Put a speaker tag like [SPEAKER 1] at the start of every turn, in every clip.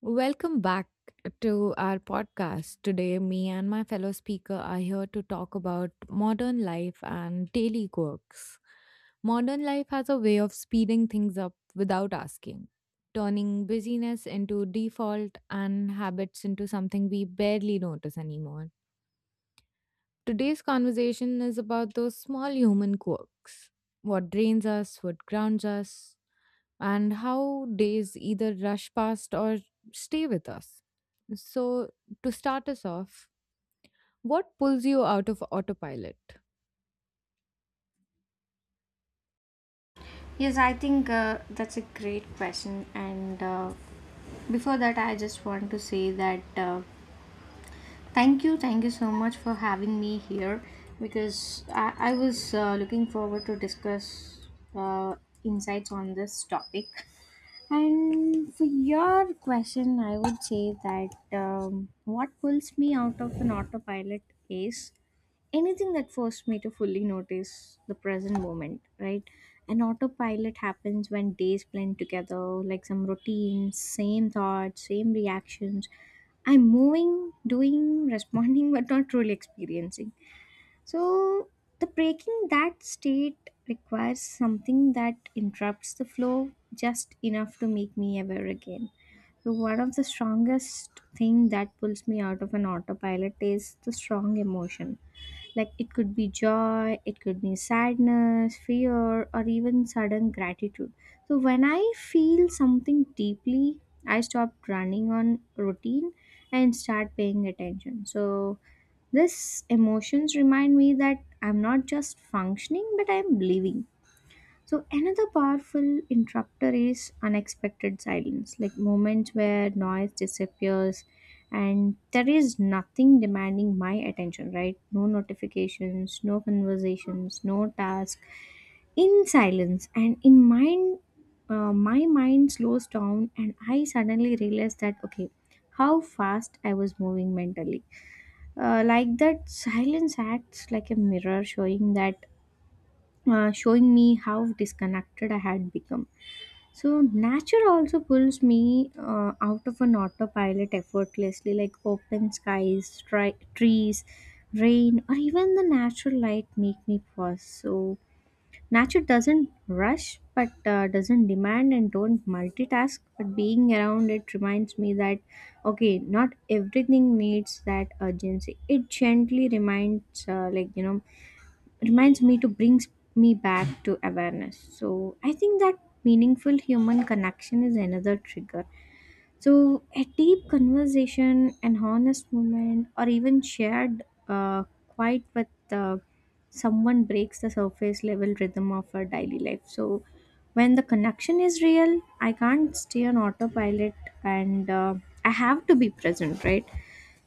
[SPEAKER 1] Welcome back to our podcast. Today, me and my fellow speaker are here to talk about modern life and daily quirks. Modern life has a way of speeding things up without asking, turning busyness into default and habits into something we barely notice anymore. Today's conversation is about those small human quirks, what drains us, what grounds us, and how days either rush past or stay with us. So, to start us off, what pulls you out of autopilot?
[SPEAKER 2] Yes, I think that's a great question. And before that, I just want to say that thank you so much for having me here because I was looking forward to discuss uh, insights on this topic. And for your question, I would say that what pulls me out of an autopilot is anything that forced me to fully notice the present moment, right? An autopilot happens when days blend together, like some routines, same thoughts, same reactions. I'm moving, doing, responding, but not truly experiencing. So, the breaking that state requires something that interrupts the flow just enough to make me aware again. So, one of the strongest thing that pulls me out of an autopilot is the strong emotion, like it could be joy, it could be sadness, fear, or even sudden gratitude. So when I feel something deeply, I stop running on routine and start paying attention. So these emotions remind me that I'm not just functioning, but I'm living. So another powerful interrupter is unexpected silence, like moments where noise disappears and there is nothing demanding my attention, right? No notifications, no conversations, no task. In silence and in mind, my mind slows down and I suddenly realize that okay, how fast I was moving mentally. Like that silence acts like a mirror showing that showing me how disconnected I had become. So nature also pulls me out of an autopilot effortlessly, like open skies, trees, rain, or even the natural light make me pause. So nature doesn't rush, but doesn't demand and don't multitask. But being around it reminds me that okay, not everything needs that urgency. It gently reminds, reminds me to brings me back to awareness. So I think that meaningful human connection is another trigger. So a deep conversation, an honest moment, or even shared quiet with uh, someone breaks the surface level rhythm of our daily life. So when the connection is real, I can't stay on autopilot, and I have to be present, right?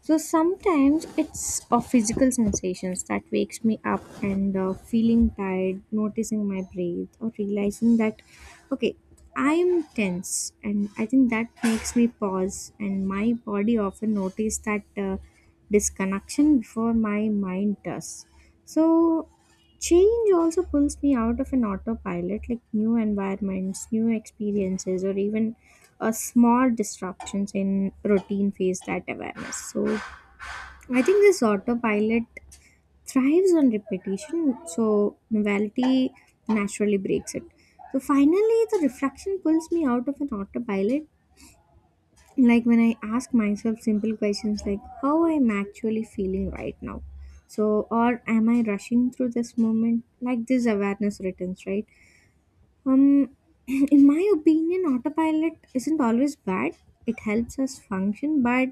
[SPEAKER 2] So sometimes it's a physical sensations that wakes me up, and feeling tired, noticing my breath, or realizing that okay, I am tense, and I think that makes me pause, and my body often notice that disconnection before my mind does. So change also pulls me out of an autopilot, like new environments, new experiences, or even a small disruptions in routine phase that awareness. So I think this autopilot thrives on repetition, so novelty naturally breaks it. So finally, the reflection pulls me out of an autopilot. Like when I ask myself simple questions like, how I am actually feeling right now? So, or am I rushing through this moment? Like this awareness returns, right? Um, in my opinion, autopilot isn't always bad. It helps us function, but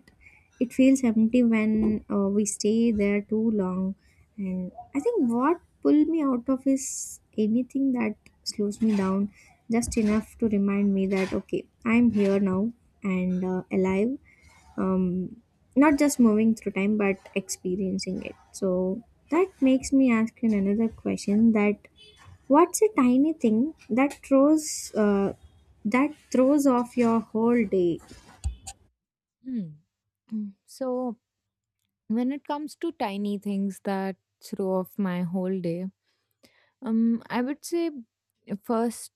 [SPEAKER 2] it feels empty when we stay there too long. And I think what pulled me out of is anything that slows me down just enough to remind me that okay, I'm here now and alive. Um, not just moving through time, but experiencing it. So that makes me ask you another question, that what's a tiny thing that throws off your whole day?
[SPEAKER 1] Hmm. Mm. So, when it comes to tiny things that throw off my whole day, I would say first,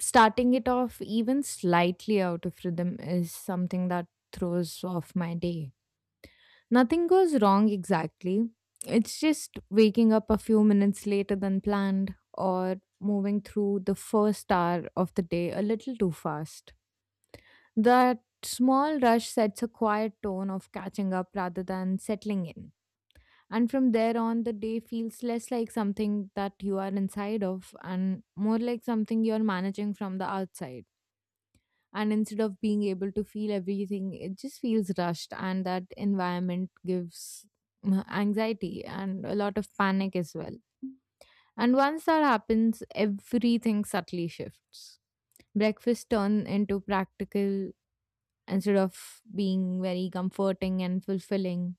[SPEAKER 1] starting it off even slightly out of rhythm is something that throws off my day. Nothing goes wrong exactly. It's just waking up a few minutes later than planned or moving through the first hour of the day a little too fast. That small rush sets a quiet tone of catching up rather than settling in. And from there on, the day feels less like something that you are inside of and more like something you're managing from the outside. And instead of being able to feel everything, it just feels rushed, and that environment gives anxiety and a lot of panic as well. And once that happens, everything subtly shifts. Breakfast turn into practical instead of being very comforting and fulfilling.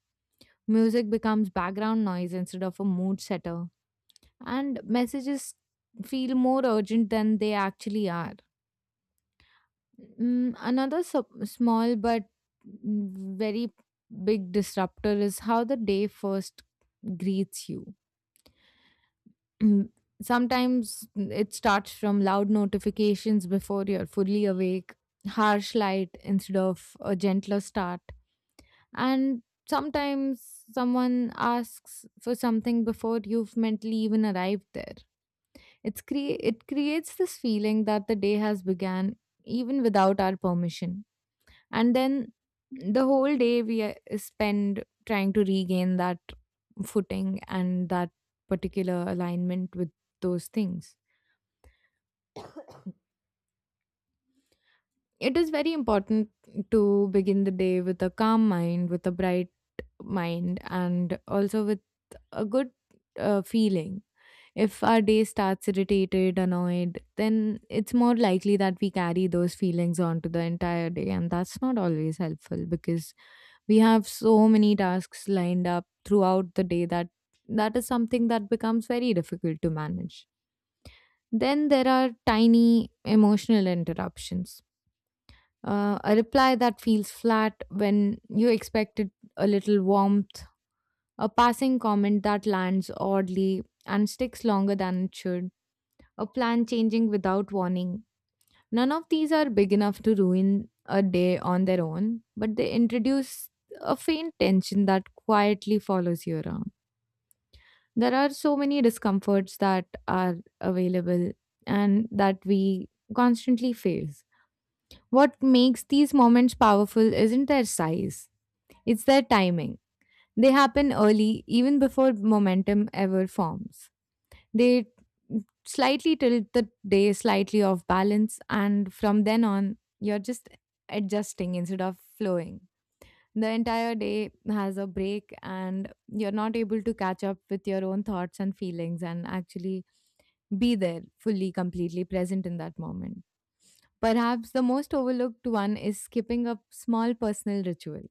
[SPEAKER 1] Music becomes background noise instead of a mood setter, and messages feel more urgent than they actually are. Another sup small but very big disruptor is how the day first greets you. Mm, Sometimes it starts from loud notifications before you're fully awake, harsh light instead of a gentler start. And sometimes someone asks for something before you've mentally even arrived there. It creates this feeling that the day has begun even without our permission. And then the whole day we spend trying to regain that footing and that particular alignment with those things. It is very important to begin the day with a calm mind, with a bright mind, and also with a good feeling. If our day starts irritated, annoyed, then it's more likely that we carry those feelings on to the entire day, and that's not always helpful because we have so many tasks lined up throughout the day that is something that becomes very difficult to manage. Then there are tiny emotional interruptions. A reply that feels flat when you expected a little warmth, a passing comment that lands oddly and sticks longer than it should, a plan changing without warning. None of these are big enough to ruin a day on their own, but they introduce a faint tension that quietly follows you around. There are so many discomforts that are available and that we constantly face. What makes these moments powerful isn't their size, it's their timing. They happen early, even before momentum ever forms. They slightly tilt the day slightly off balance, and from then on, you're just adjusting instead of flowing. The entire day has a break, and you're not able to catch up with your own thoughts and feelings and actually be there fully, completely present in that moment. Perhaps the most overlooked one is skipping a small personal ritual,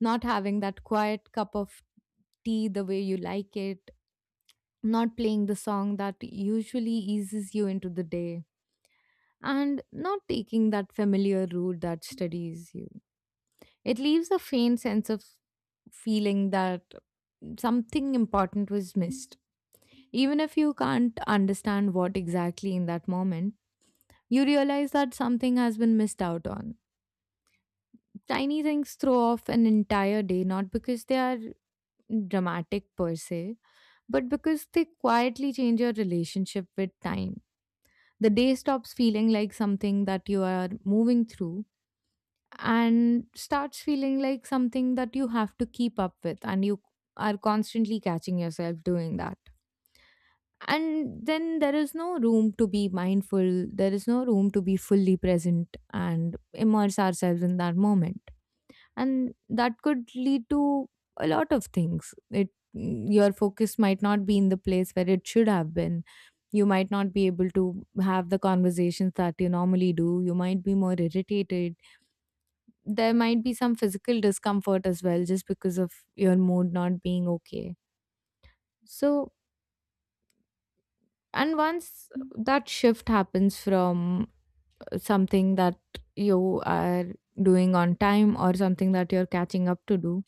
[SPEAKER 1] not having that quiet cup of tea the way you like it, not playing the song that usually eases you into the day, and not taking that familiar route that steadies you. It leaves a faint sense of feeling that something important was missed. Even if you can't understand what exactly in that moment, you realize that something has been missed out on. Tiny things throw off an entire day not because they are dramatic per se, but because they quietly change your relationship with time. The day stops feeling like something that you are moving through and starts feeling like something that you have to keep up with, and you are constantly catching yourself doing that. And then there is no room to be mindful, there is no room to be fully present and immerse ourselves in that moment, and that could lead to a lot of things. It your focus might not be in the place where it should have been, you might not be able to have the conversations that you normally do, you might be more irritated, there might be some physical discomfort as well just because of your mood not being okay. So, and once that shift happens from something that you are doing on time or something that you're catching up to do,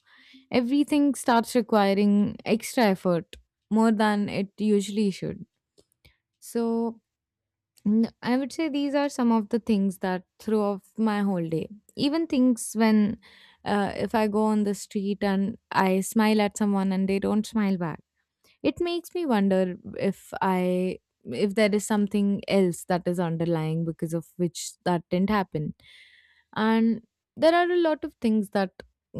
[SPEAKER 1] everything starts requiring extra effort, more than it usually should. So, I would say these are some of the things that throw off my whole day. Even things when, if I go on the street and I smile at someone and they don't smile back, it makes me wonder if there is something else that is underlying because of which that didn't happen. And there are a lot of things that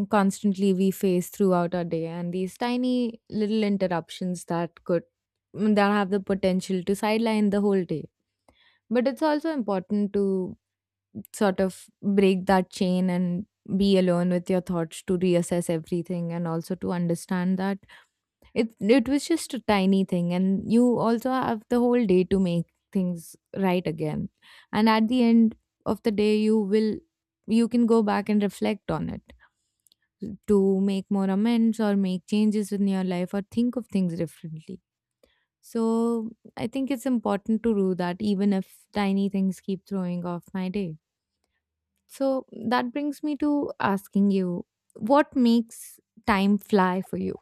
[SPEAKER 1] constantly we face throughout our day, and these tiny little interruptions that could that have the potential to sideline the whole day, but it's also important to sort of break that chain and be alone with your thoughts to reassess everything and also to understand that it it was just a tiny thing and you also have the whole day to make things right again. And at the end of the day you can go back and reflect on it to make more amends or make changes in your life or think of things differently. So I think it's important to do that even if tiny things keep throwing off my day. So that brings me to asking you, what makes time fly for you?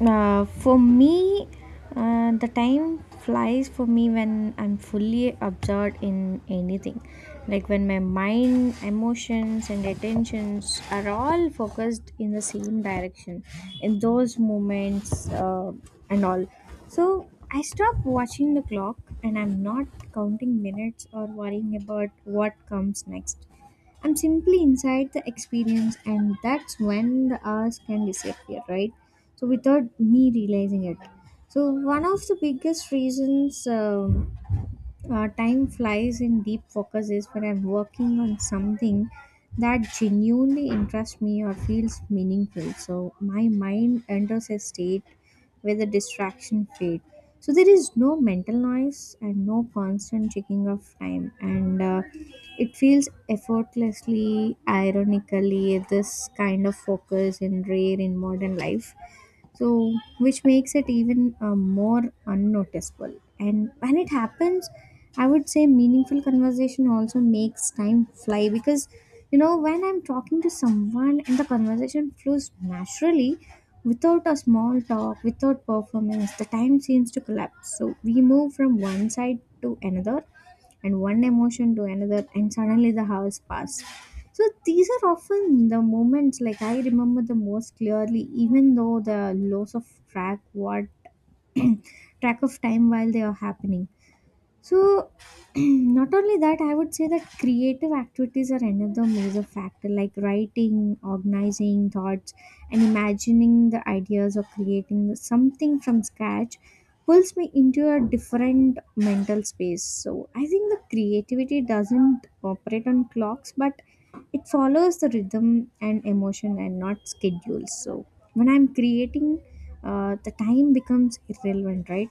[SPEAKER 2] For me, the time flies for me when I'm fully absorbed in anything. Like when my mind, emotions, and attentions are all focused in the same direction in those moments, and all. So I stop watching the clock, and I'm not counting minutes or worrying about what comes next. I'm simply inside the experience, and that's when the hours can disappear, right? So without me realizing it. So one of the biggest reasons, time flies in deep focus is when I'm working on something that genuinely interests me or feels meaningful. So my mind enters a state where the distraction fade, so there is no mental noise and no constant checking of time, and it feels effortlessly. Ironically, this kind of focus and rare in modern life, so which makes it even more unnoticeable. And when it happens, I would say meaningful conversation also makes time fly, because you know when I'm talking to someone and the conversation flows naturally without a small talk, without performance, the time seems to collapse. So we move from one side to another and one emotion to another, and suddenly the hours pass. So these are often the moments like I remember the most clearly, even though the loss of track what track of time while they are happening. So, not only that, I would say that creative activities are another major factor, like writing, organizing thoughts, and imagining the ideas or creating something from scratch pulls me into a different mental space. So, I think the creativity doesn't operate on clocks, but it follows the rhythm and emotion and not schedules. So, when I'm creating, the time becomes irrelevant, right?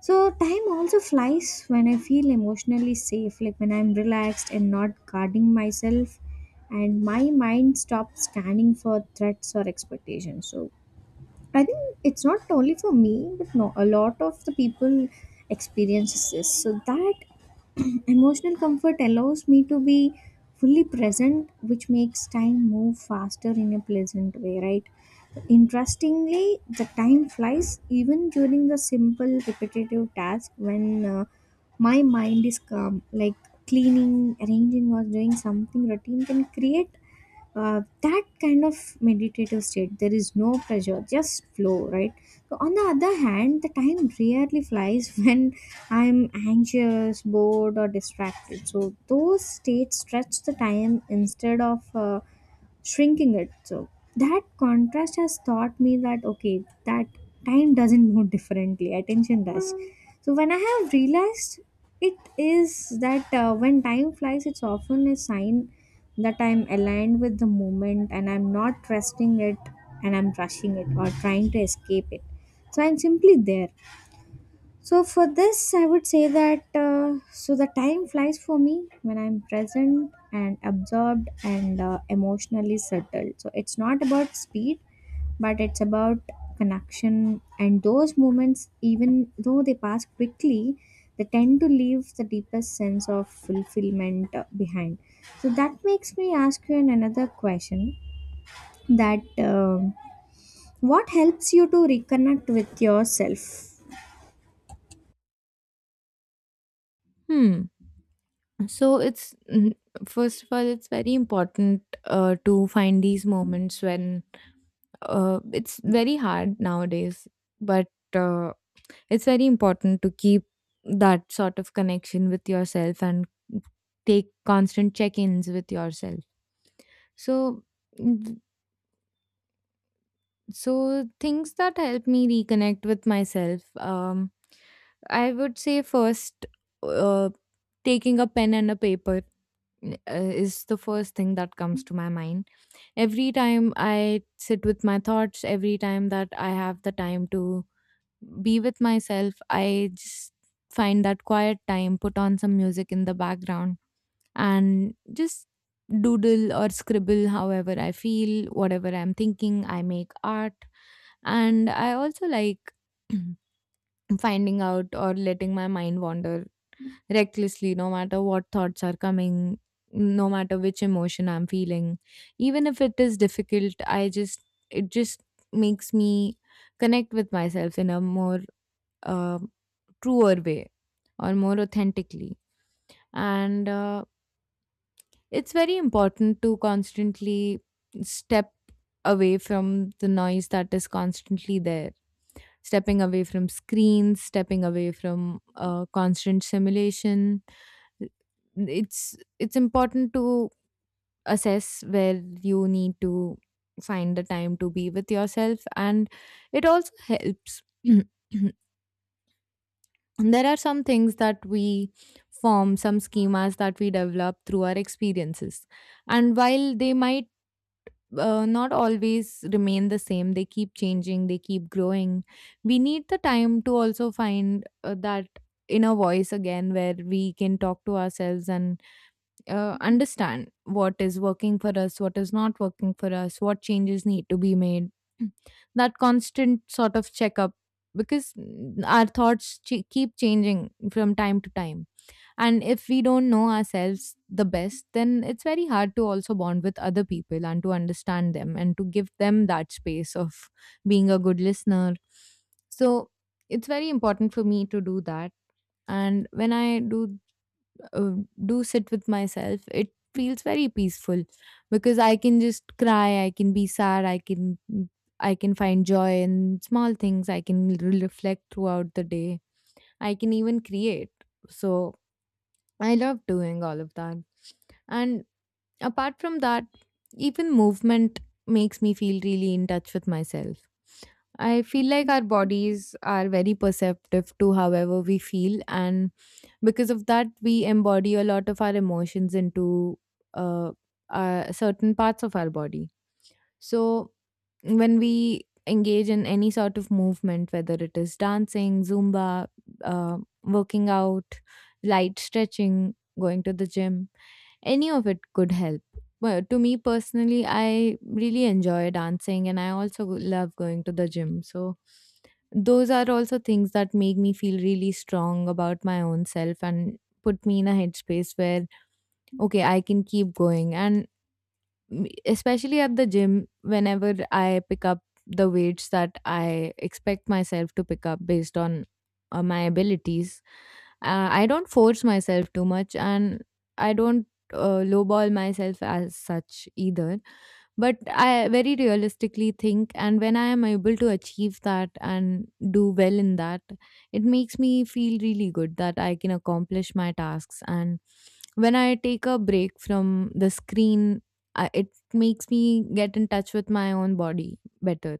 [SPEAKER 2] So time also flies when I feel emotionally safe, like when I'm relaxed and not guarding myself, and my mind stops scanning for threats or expectations. So I think it's not only for me, but no, a lot of the people experiences this. So that emotional comfort allows me to be fully present, which makes time move faster in a pleasant way, right? Interestingly, the time flies even during the simple repetitive task when my mind is calm, like cleaning, arranging, or doing something routine can create that kind of meditative state. There is no pressure, just flow, right? So on the other hand, the time rarely flies when I'm anxious, bored, or distracted. So those states stretch the time instead of shrinking it. So that contrast has taught me that okay, that time doesn't move differently, attention does. So when I have realized it is that when time flies, it's often a sign that I'm aligned with the moment, and I'm not trusting it and I'm rushing it or trying to escape it. So I'm simply there. So for this, I would say that so the time flies for me when I'm present and absorbed and emotionally settled. So it's not about speed, but it's about connection. And those moments, even though they pass quickly, they tend to leave the deepest sense of fulfillment behind. So that makes me ask you another question: that um what helps you to reconnect with yourself?
[SPEAKER 1] Hmm. So it's first of all, it's very important to find these moments when it's very hard nowadays, but uh, it's very important to keep that sort of connection with yourself and take constant check-ins with yourself. So So, things that help me reconnect with myself, I would say first, uh, taking a pen and a paper is the first thing that comes to my mind. Every time I sit with my thoughts, every time that I have the time to be with myself, I just find that quiet time, put on some music in the background, and just doodle or scribble however I feel, whatever I'm thinking. I make art. And I also like finding out or letting my mind wander recklessly, no matter what thoughts are coming, no matter which emotion I'm feeling. Even if it is difficult, it just makes me connect with myself in a more uh, truer way or more authentically. And it's very important to constantly step away from the noise that is constantly there. Stepping away from screens, stepping away from constant simulation. It's important to assess where you need to find the time to be with yourself, and it also helps. There are some things that we form, some schemas that we develop through our experiences, and while they might not always remain the same. They keep changing, they keep growing. We need the time to also find that inner voice again where we can talk to ourselves and understand what is working for us, what is not working for us, what changes need to be made. That constant sort of checkup because our keep changing from time to time, and if we don't know ourselves the best, then it's very hard to also bond with other people and to understand them and to give them that space of being a good listener. So it's very important for me to do that. And when I do uh, do sit with myself, it feels very peaceful because I can just cry, I can be sad, I can find joy in small things. I can reflect throughout the day. I can even create. So I love doing all of that. And apart from that, even movement makes me feel really in touch with myself. I feel like our bodies are very perceptive to however we feel, and because of that, we embody a lot of our emotions into uh, certain parts of our body. So, when we engage in any sort of movement, whether it is dancing, Zumba, uh, working out, light stretching, going to the gym, any of it could help. Well, to me personally, I really enjoy dancing and I also love going to the gym. So, those are also things that make me feel really strong about my own self and put me in a headspace where, okay, I can keep going. And especially at the gym, whenever I pick up the weights that I expect myself to pick up based on my abilities. I don't force myself too much, and I don't lowball myself as such either. But I very realistically think, and when I am able to achieve that and do well in that, it makes me feel really good that I can accomplish my tasks. And when I take a break from the screen, it makes me get in touch with my own body better,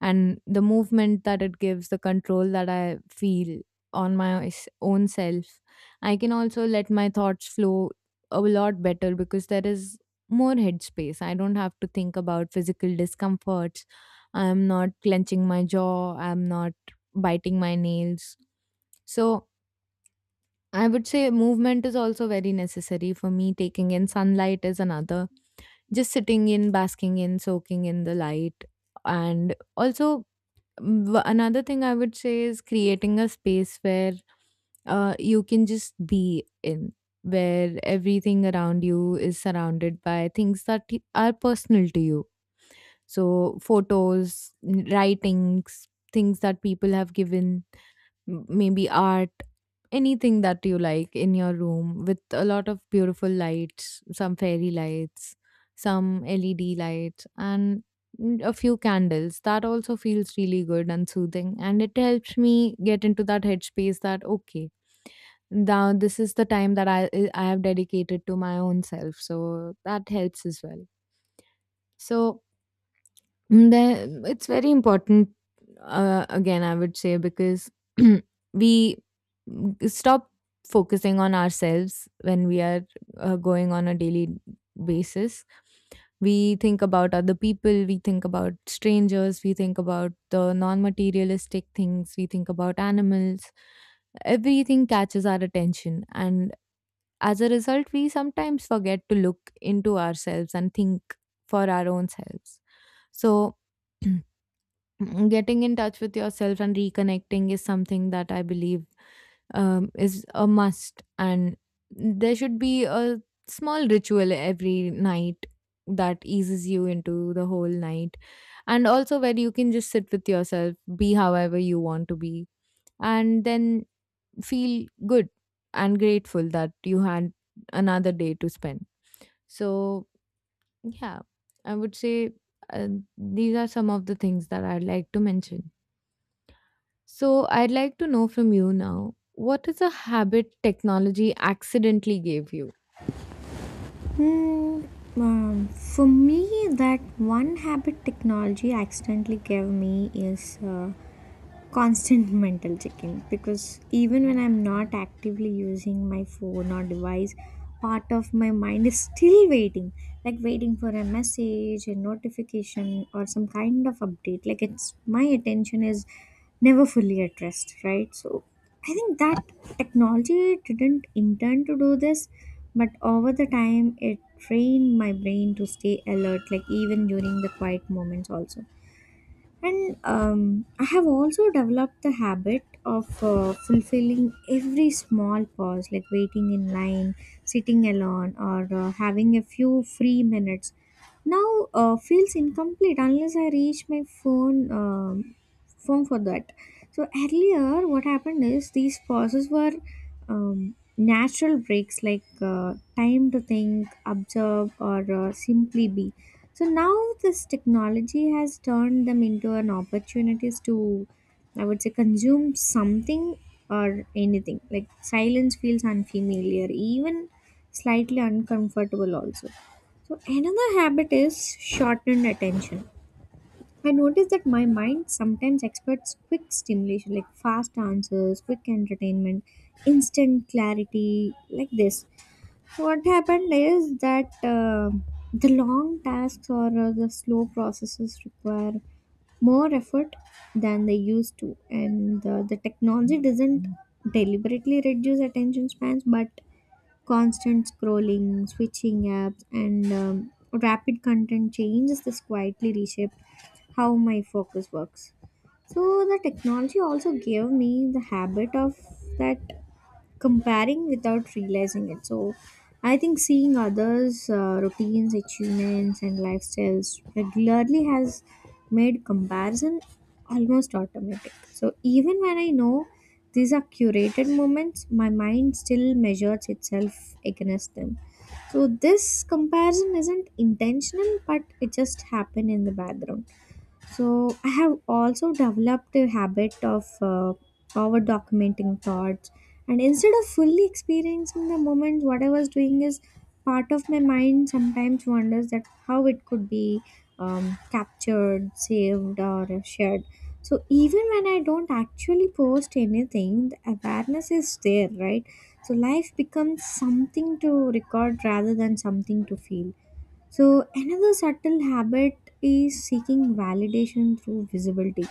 [SPEAKER 1] and the movement that it gives, the control that I feel on my own self, I can also let my thoughts flow a lot better because there is more headspace. I don't have to think about physical discomforts. I'm not clenching my jaw. I'm not biting my nails. So I would say movement is also very necessary for me. Taking in sunlight is another. Just sitting in, basking in, soaking in the light. And also, another thing I would say is creating a space where you can just be in, where everything around you is surrounded by things that are personal to you. So, photos, writings, things that people have given, maybe art, anything that you like in your room, with a lot of beautiful lights, some fairy lights, some LED lights, and a few candles. That also feels really good and soothing, and it helps me get into that headspace that, okay, now this is the time that I have dedicated to my own self. So that helps as well. So, Mm, Then it's very important, again, I would say, because we stop focusing on ourselves when we are going on a daily basis. We think about other people, we think about strangers, we think about the non materialistic things, we think about animals. Everything catches our attention. And as a result, we sometimes forget to look into ourselves and think for our own selves. So, getting in touch with yourself and reconnecting is something that I believe is a must. And there should be a small ritual every night that eases you into the whole night. And also, where you can just sit with yourself, be however you want to be, and then feel good and grateful that you had another day to spend. So, yeah, I would say uh, these are some of the things that I'd like to mention. So, I'd like to know from you now, what is a habit technology accidentally gave you?
[SPEAKER 2] Hmm, for me, that one habit technology accidentally gave me is constant mental checking, because even when I'm not actively using my phone or device, part of my mind is still waiting, like waiting for a message, a notification, or some kind of update. Like it's my attention is never fully at rest, right? So I think that technology didn't intend to do this, but over the time it trained my brain to stay alert, like even during the quiet moments also. And I have also developed the habit of fulfilling every small pause, like waiting in line, sitting alone, or having a few free minutes. Now feels incomplete unless I reach my phone for that. So earlier, what happened is these pauses were natural breaks, like time to think, observe, or simply be. So now this technology has turned them into an opportunities to, I would say, consume something or anything. Like silence feels unfamiliar, even slightly uncomfortable also. So another habit is shortened attention. I notice that my mind sometimes expects quick stimulation, like fast answers, quick entertainment, instant clarity. Like this, what happened is that the long tasks or the slow processes require more effort than they used to, and the technology doesn't deliberately reduce attention spans, but constant scrolling, switching apps, and rapid content changes, this quietly reshape how my focus works. So the technology also gave me the habit of that comparing without realizing it. So, I think seeing others' routines, achievements, and lifestyles regularly has made comparison almost automatic. So, even when I know these are curated moments, my mind still measures itself against them. So, this comparison isn't intentional, but it just happened in the background. So I have also developed a habit of over documenting thoughts, and instead of fully experiencing the moment, what I was doing is part of my mind sometimes wonders that how it could be captured, saved, or shared. So even when I don't actually post anything, the awareness is there, right? So life becomes something to record rather than something to feel. So, another subtle habit is seeking validation through visibility.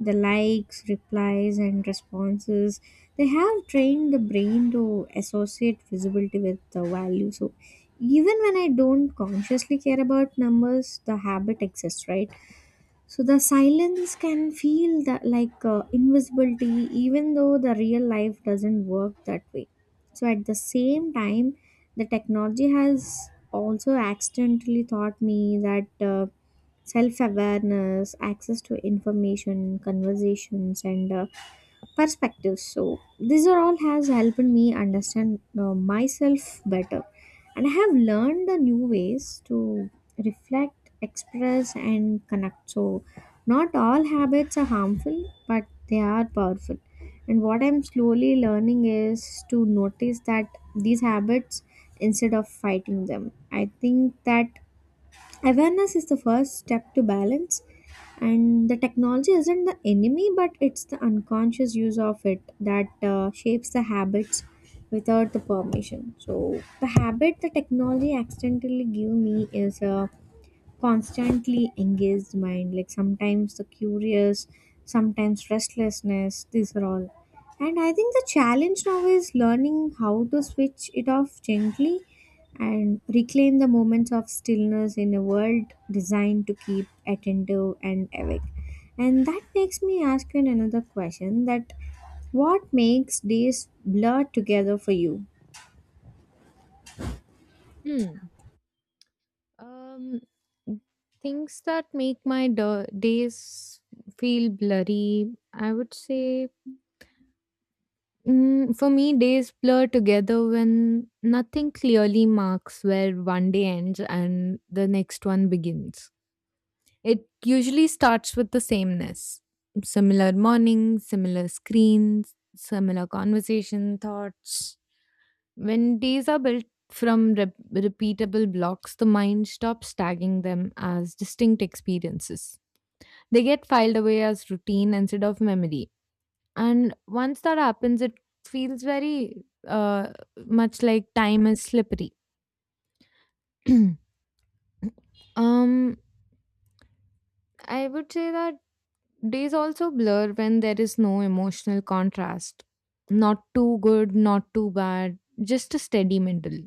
[SPEAKER 2] The likes, replies, and responses, they have trained the brain to associate visibility with the value. So, even when I don't consciously care about numbers, the habit exists, right? So the silence can feel that like invisibility, even though the real life doesn't work that way. So at the same time, the technology has also accidentally taught me that self awareness, access to information, conversations, and perspectives. So these are all has helped me understand myself better, and I have learned the new ways to reflect, express, and connect. So not all habits are harmful, but they are powerful. And what I'm slowly learning is to notice that these habits instead of fighting them. I think that awareness is the first step to balance, and the technology isn't the enemy, but it's the unconscious use of it that shapes the habits without the permission. So, the habit the technology accidentally give me is constantly engaged mind, like sometimes the curious, sometimes restlessness, these are all. And I think the challenge now is learning how to switch it off gently and reclaim the moments of stillness in a world designed to keep attentive and awake. And that makes me ask you another question, that what makes days blur together for you?
[SPEAKER 1] Hmm. Um, things that make my days feel blurry, I would say, for me, days blur together when nothing clearly marks where one day ends and the next one begins. It usually starts with the sameness, similar mornings, similar screens, similar conversation thoughts. When days are built from repeatable blocks, the mind stops tagging them as distinct experiences. They get filed away as routine instead of memory. And once that happens, it feels very much like time is slippery. um, I would say that days also blur when there is no emotional contrast. Not too good, not too bad, just a steady middle.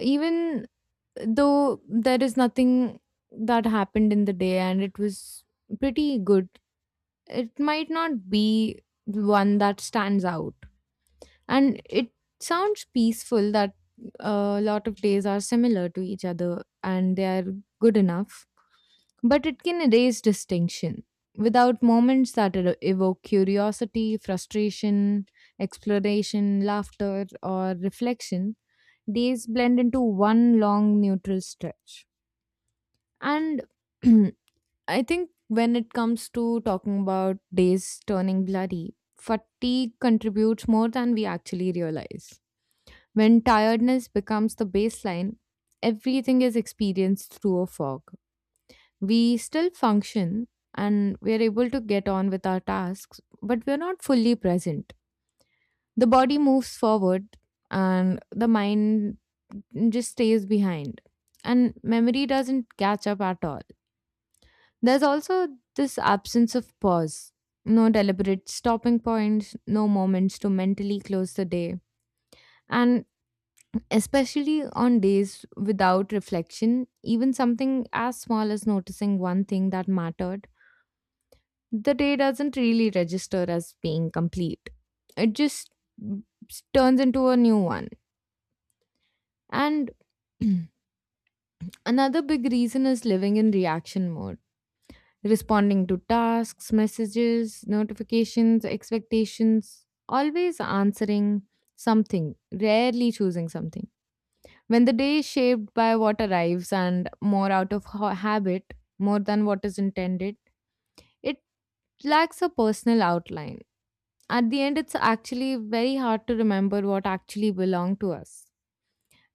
[SPEAKER 1] Even though there is nothing that happened in the day and it was pretty good, it might not be the one that stands out. And it sounds peaceful that a lot of days are similar to each other and they are good enough. But it can erase distinction without moments that evoke curiosity, frustration, exploration, laughter, or reflection. Days blend into one long neutral stretch. And I think when it comes to talking about days turning bloody, fatigue contributes more than we actually realize. When tiredness becomes the baseline, everything is experienced through a fog. We still function and we are able to get on with our tasks, but we are not fully present. The body moves forward and the mind just stays behind, and memory doesn't catch up at all. There's also this absence of pause. No deliberate stopping points, no moments to mentally close the day. And especially on days without reflection, even something as small as noticing one thing that mattered, the day doesn't really register as being complete. It just turns into a new one. And another big reason is living in reaction mode, responding to tasks, messages, notifications, expectations, always answering something, rarely choosing something. When the day is shaped by what arrives and more out of habit, more than what is intended, it lacks a personal outline. At the end, it's actually very hard to remember what actually belonged to us.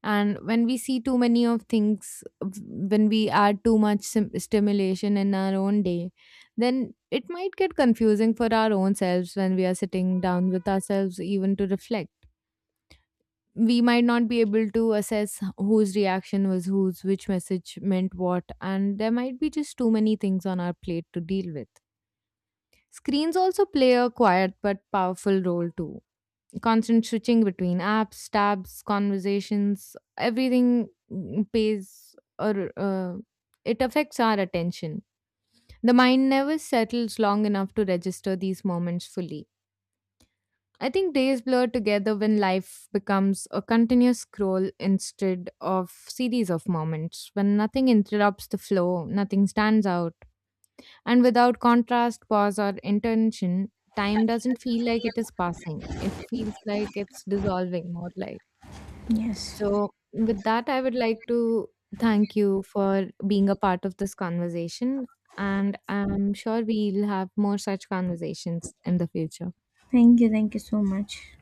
[SPEAKER 1] And when we see too many of things, when we add too much stimulation in our own day, then it might get confusing for our own selves when we are sitting down with ourselves, even to reflect. We might not be able to assess whose reaction was whose, which message meant what, and there might be just too many things on our plate to deal with. Screens also play a quiet but powerful role too, constant switching between apps, tabs, conversations, everything pays, or it affects our attention. The mind never settles long enough to register these moments fully. I think days blur together when life becomes a continuous scroll instead of series of moments, when nothing interrupts the flow, nothing stands out, and without contrast, pause, or intention, time doesn't feel like it is passing. It feels like it's dissolving more like.
[SPEAKER 2] Yes.
[SPEAKER 1] So, with that, I would like to thank you for being a part of this conversation. And I'm sure we'll have more such conversations in the future.
[SPEAKER 2] Thank you, thank you so much.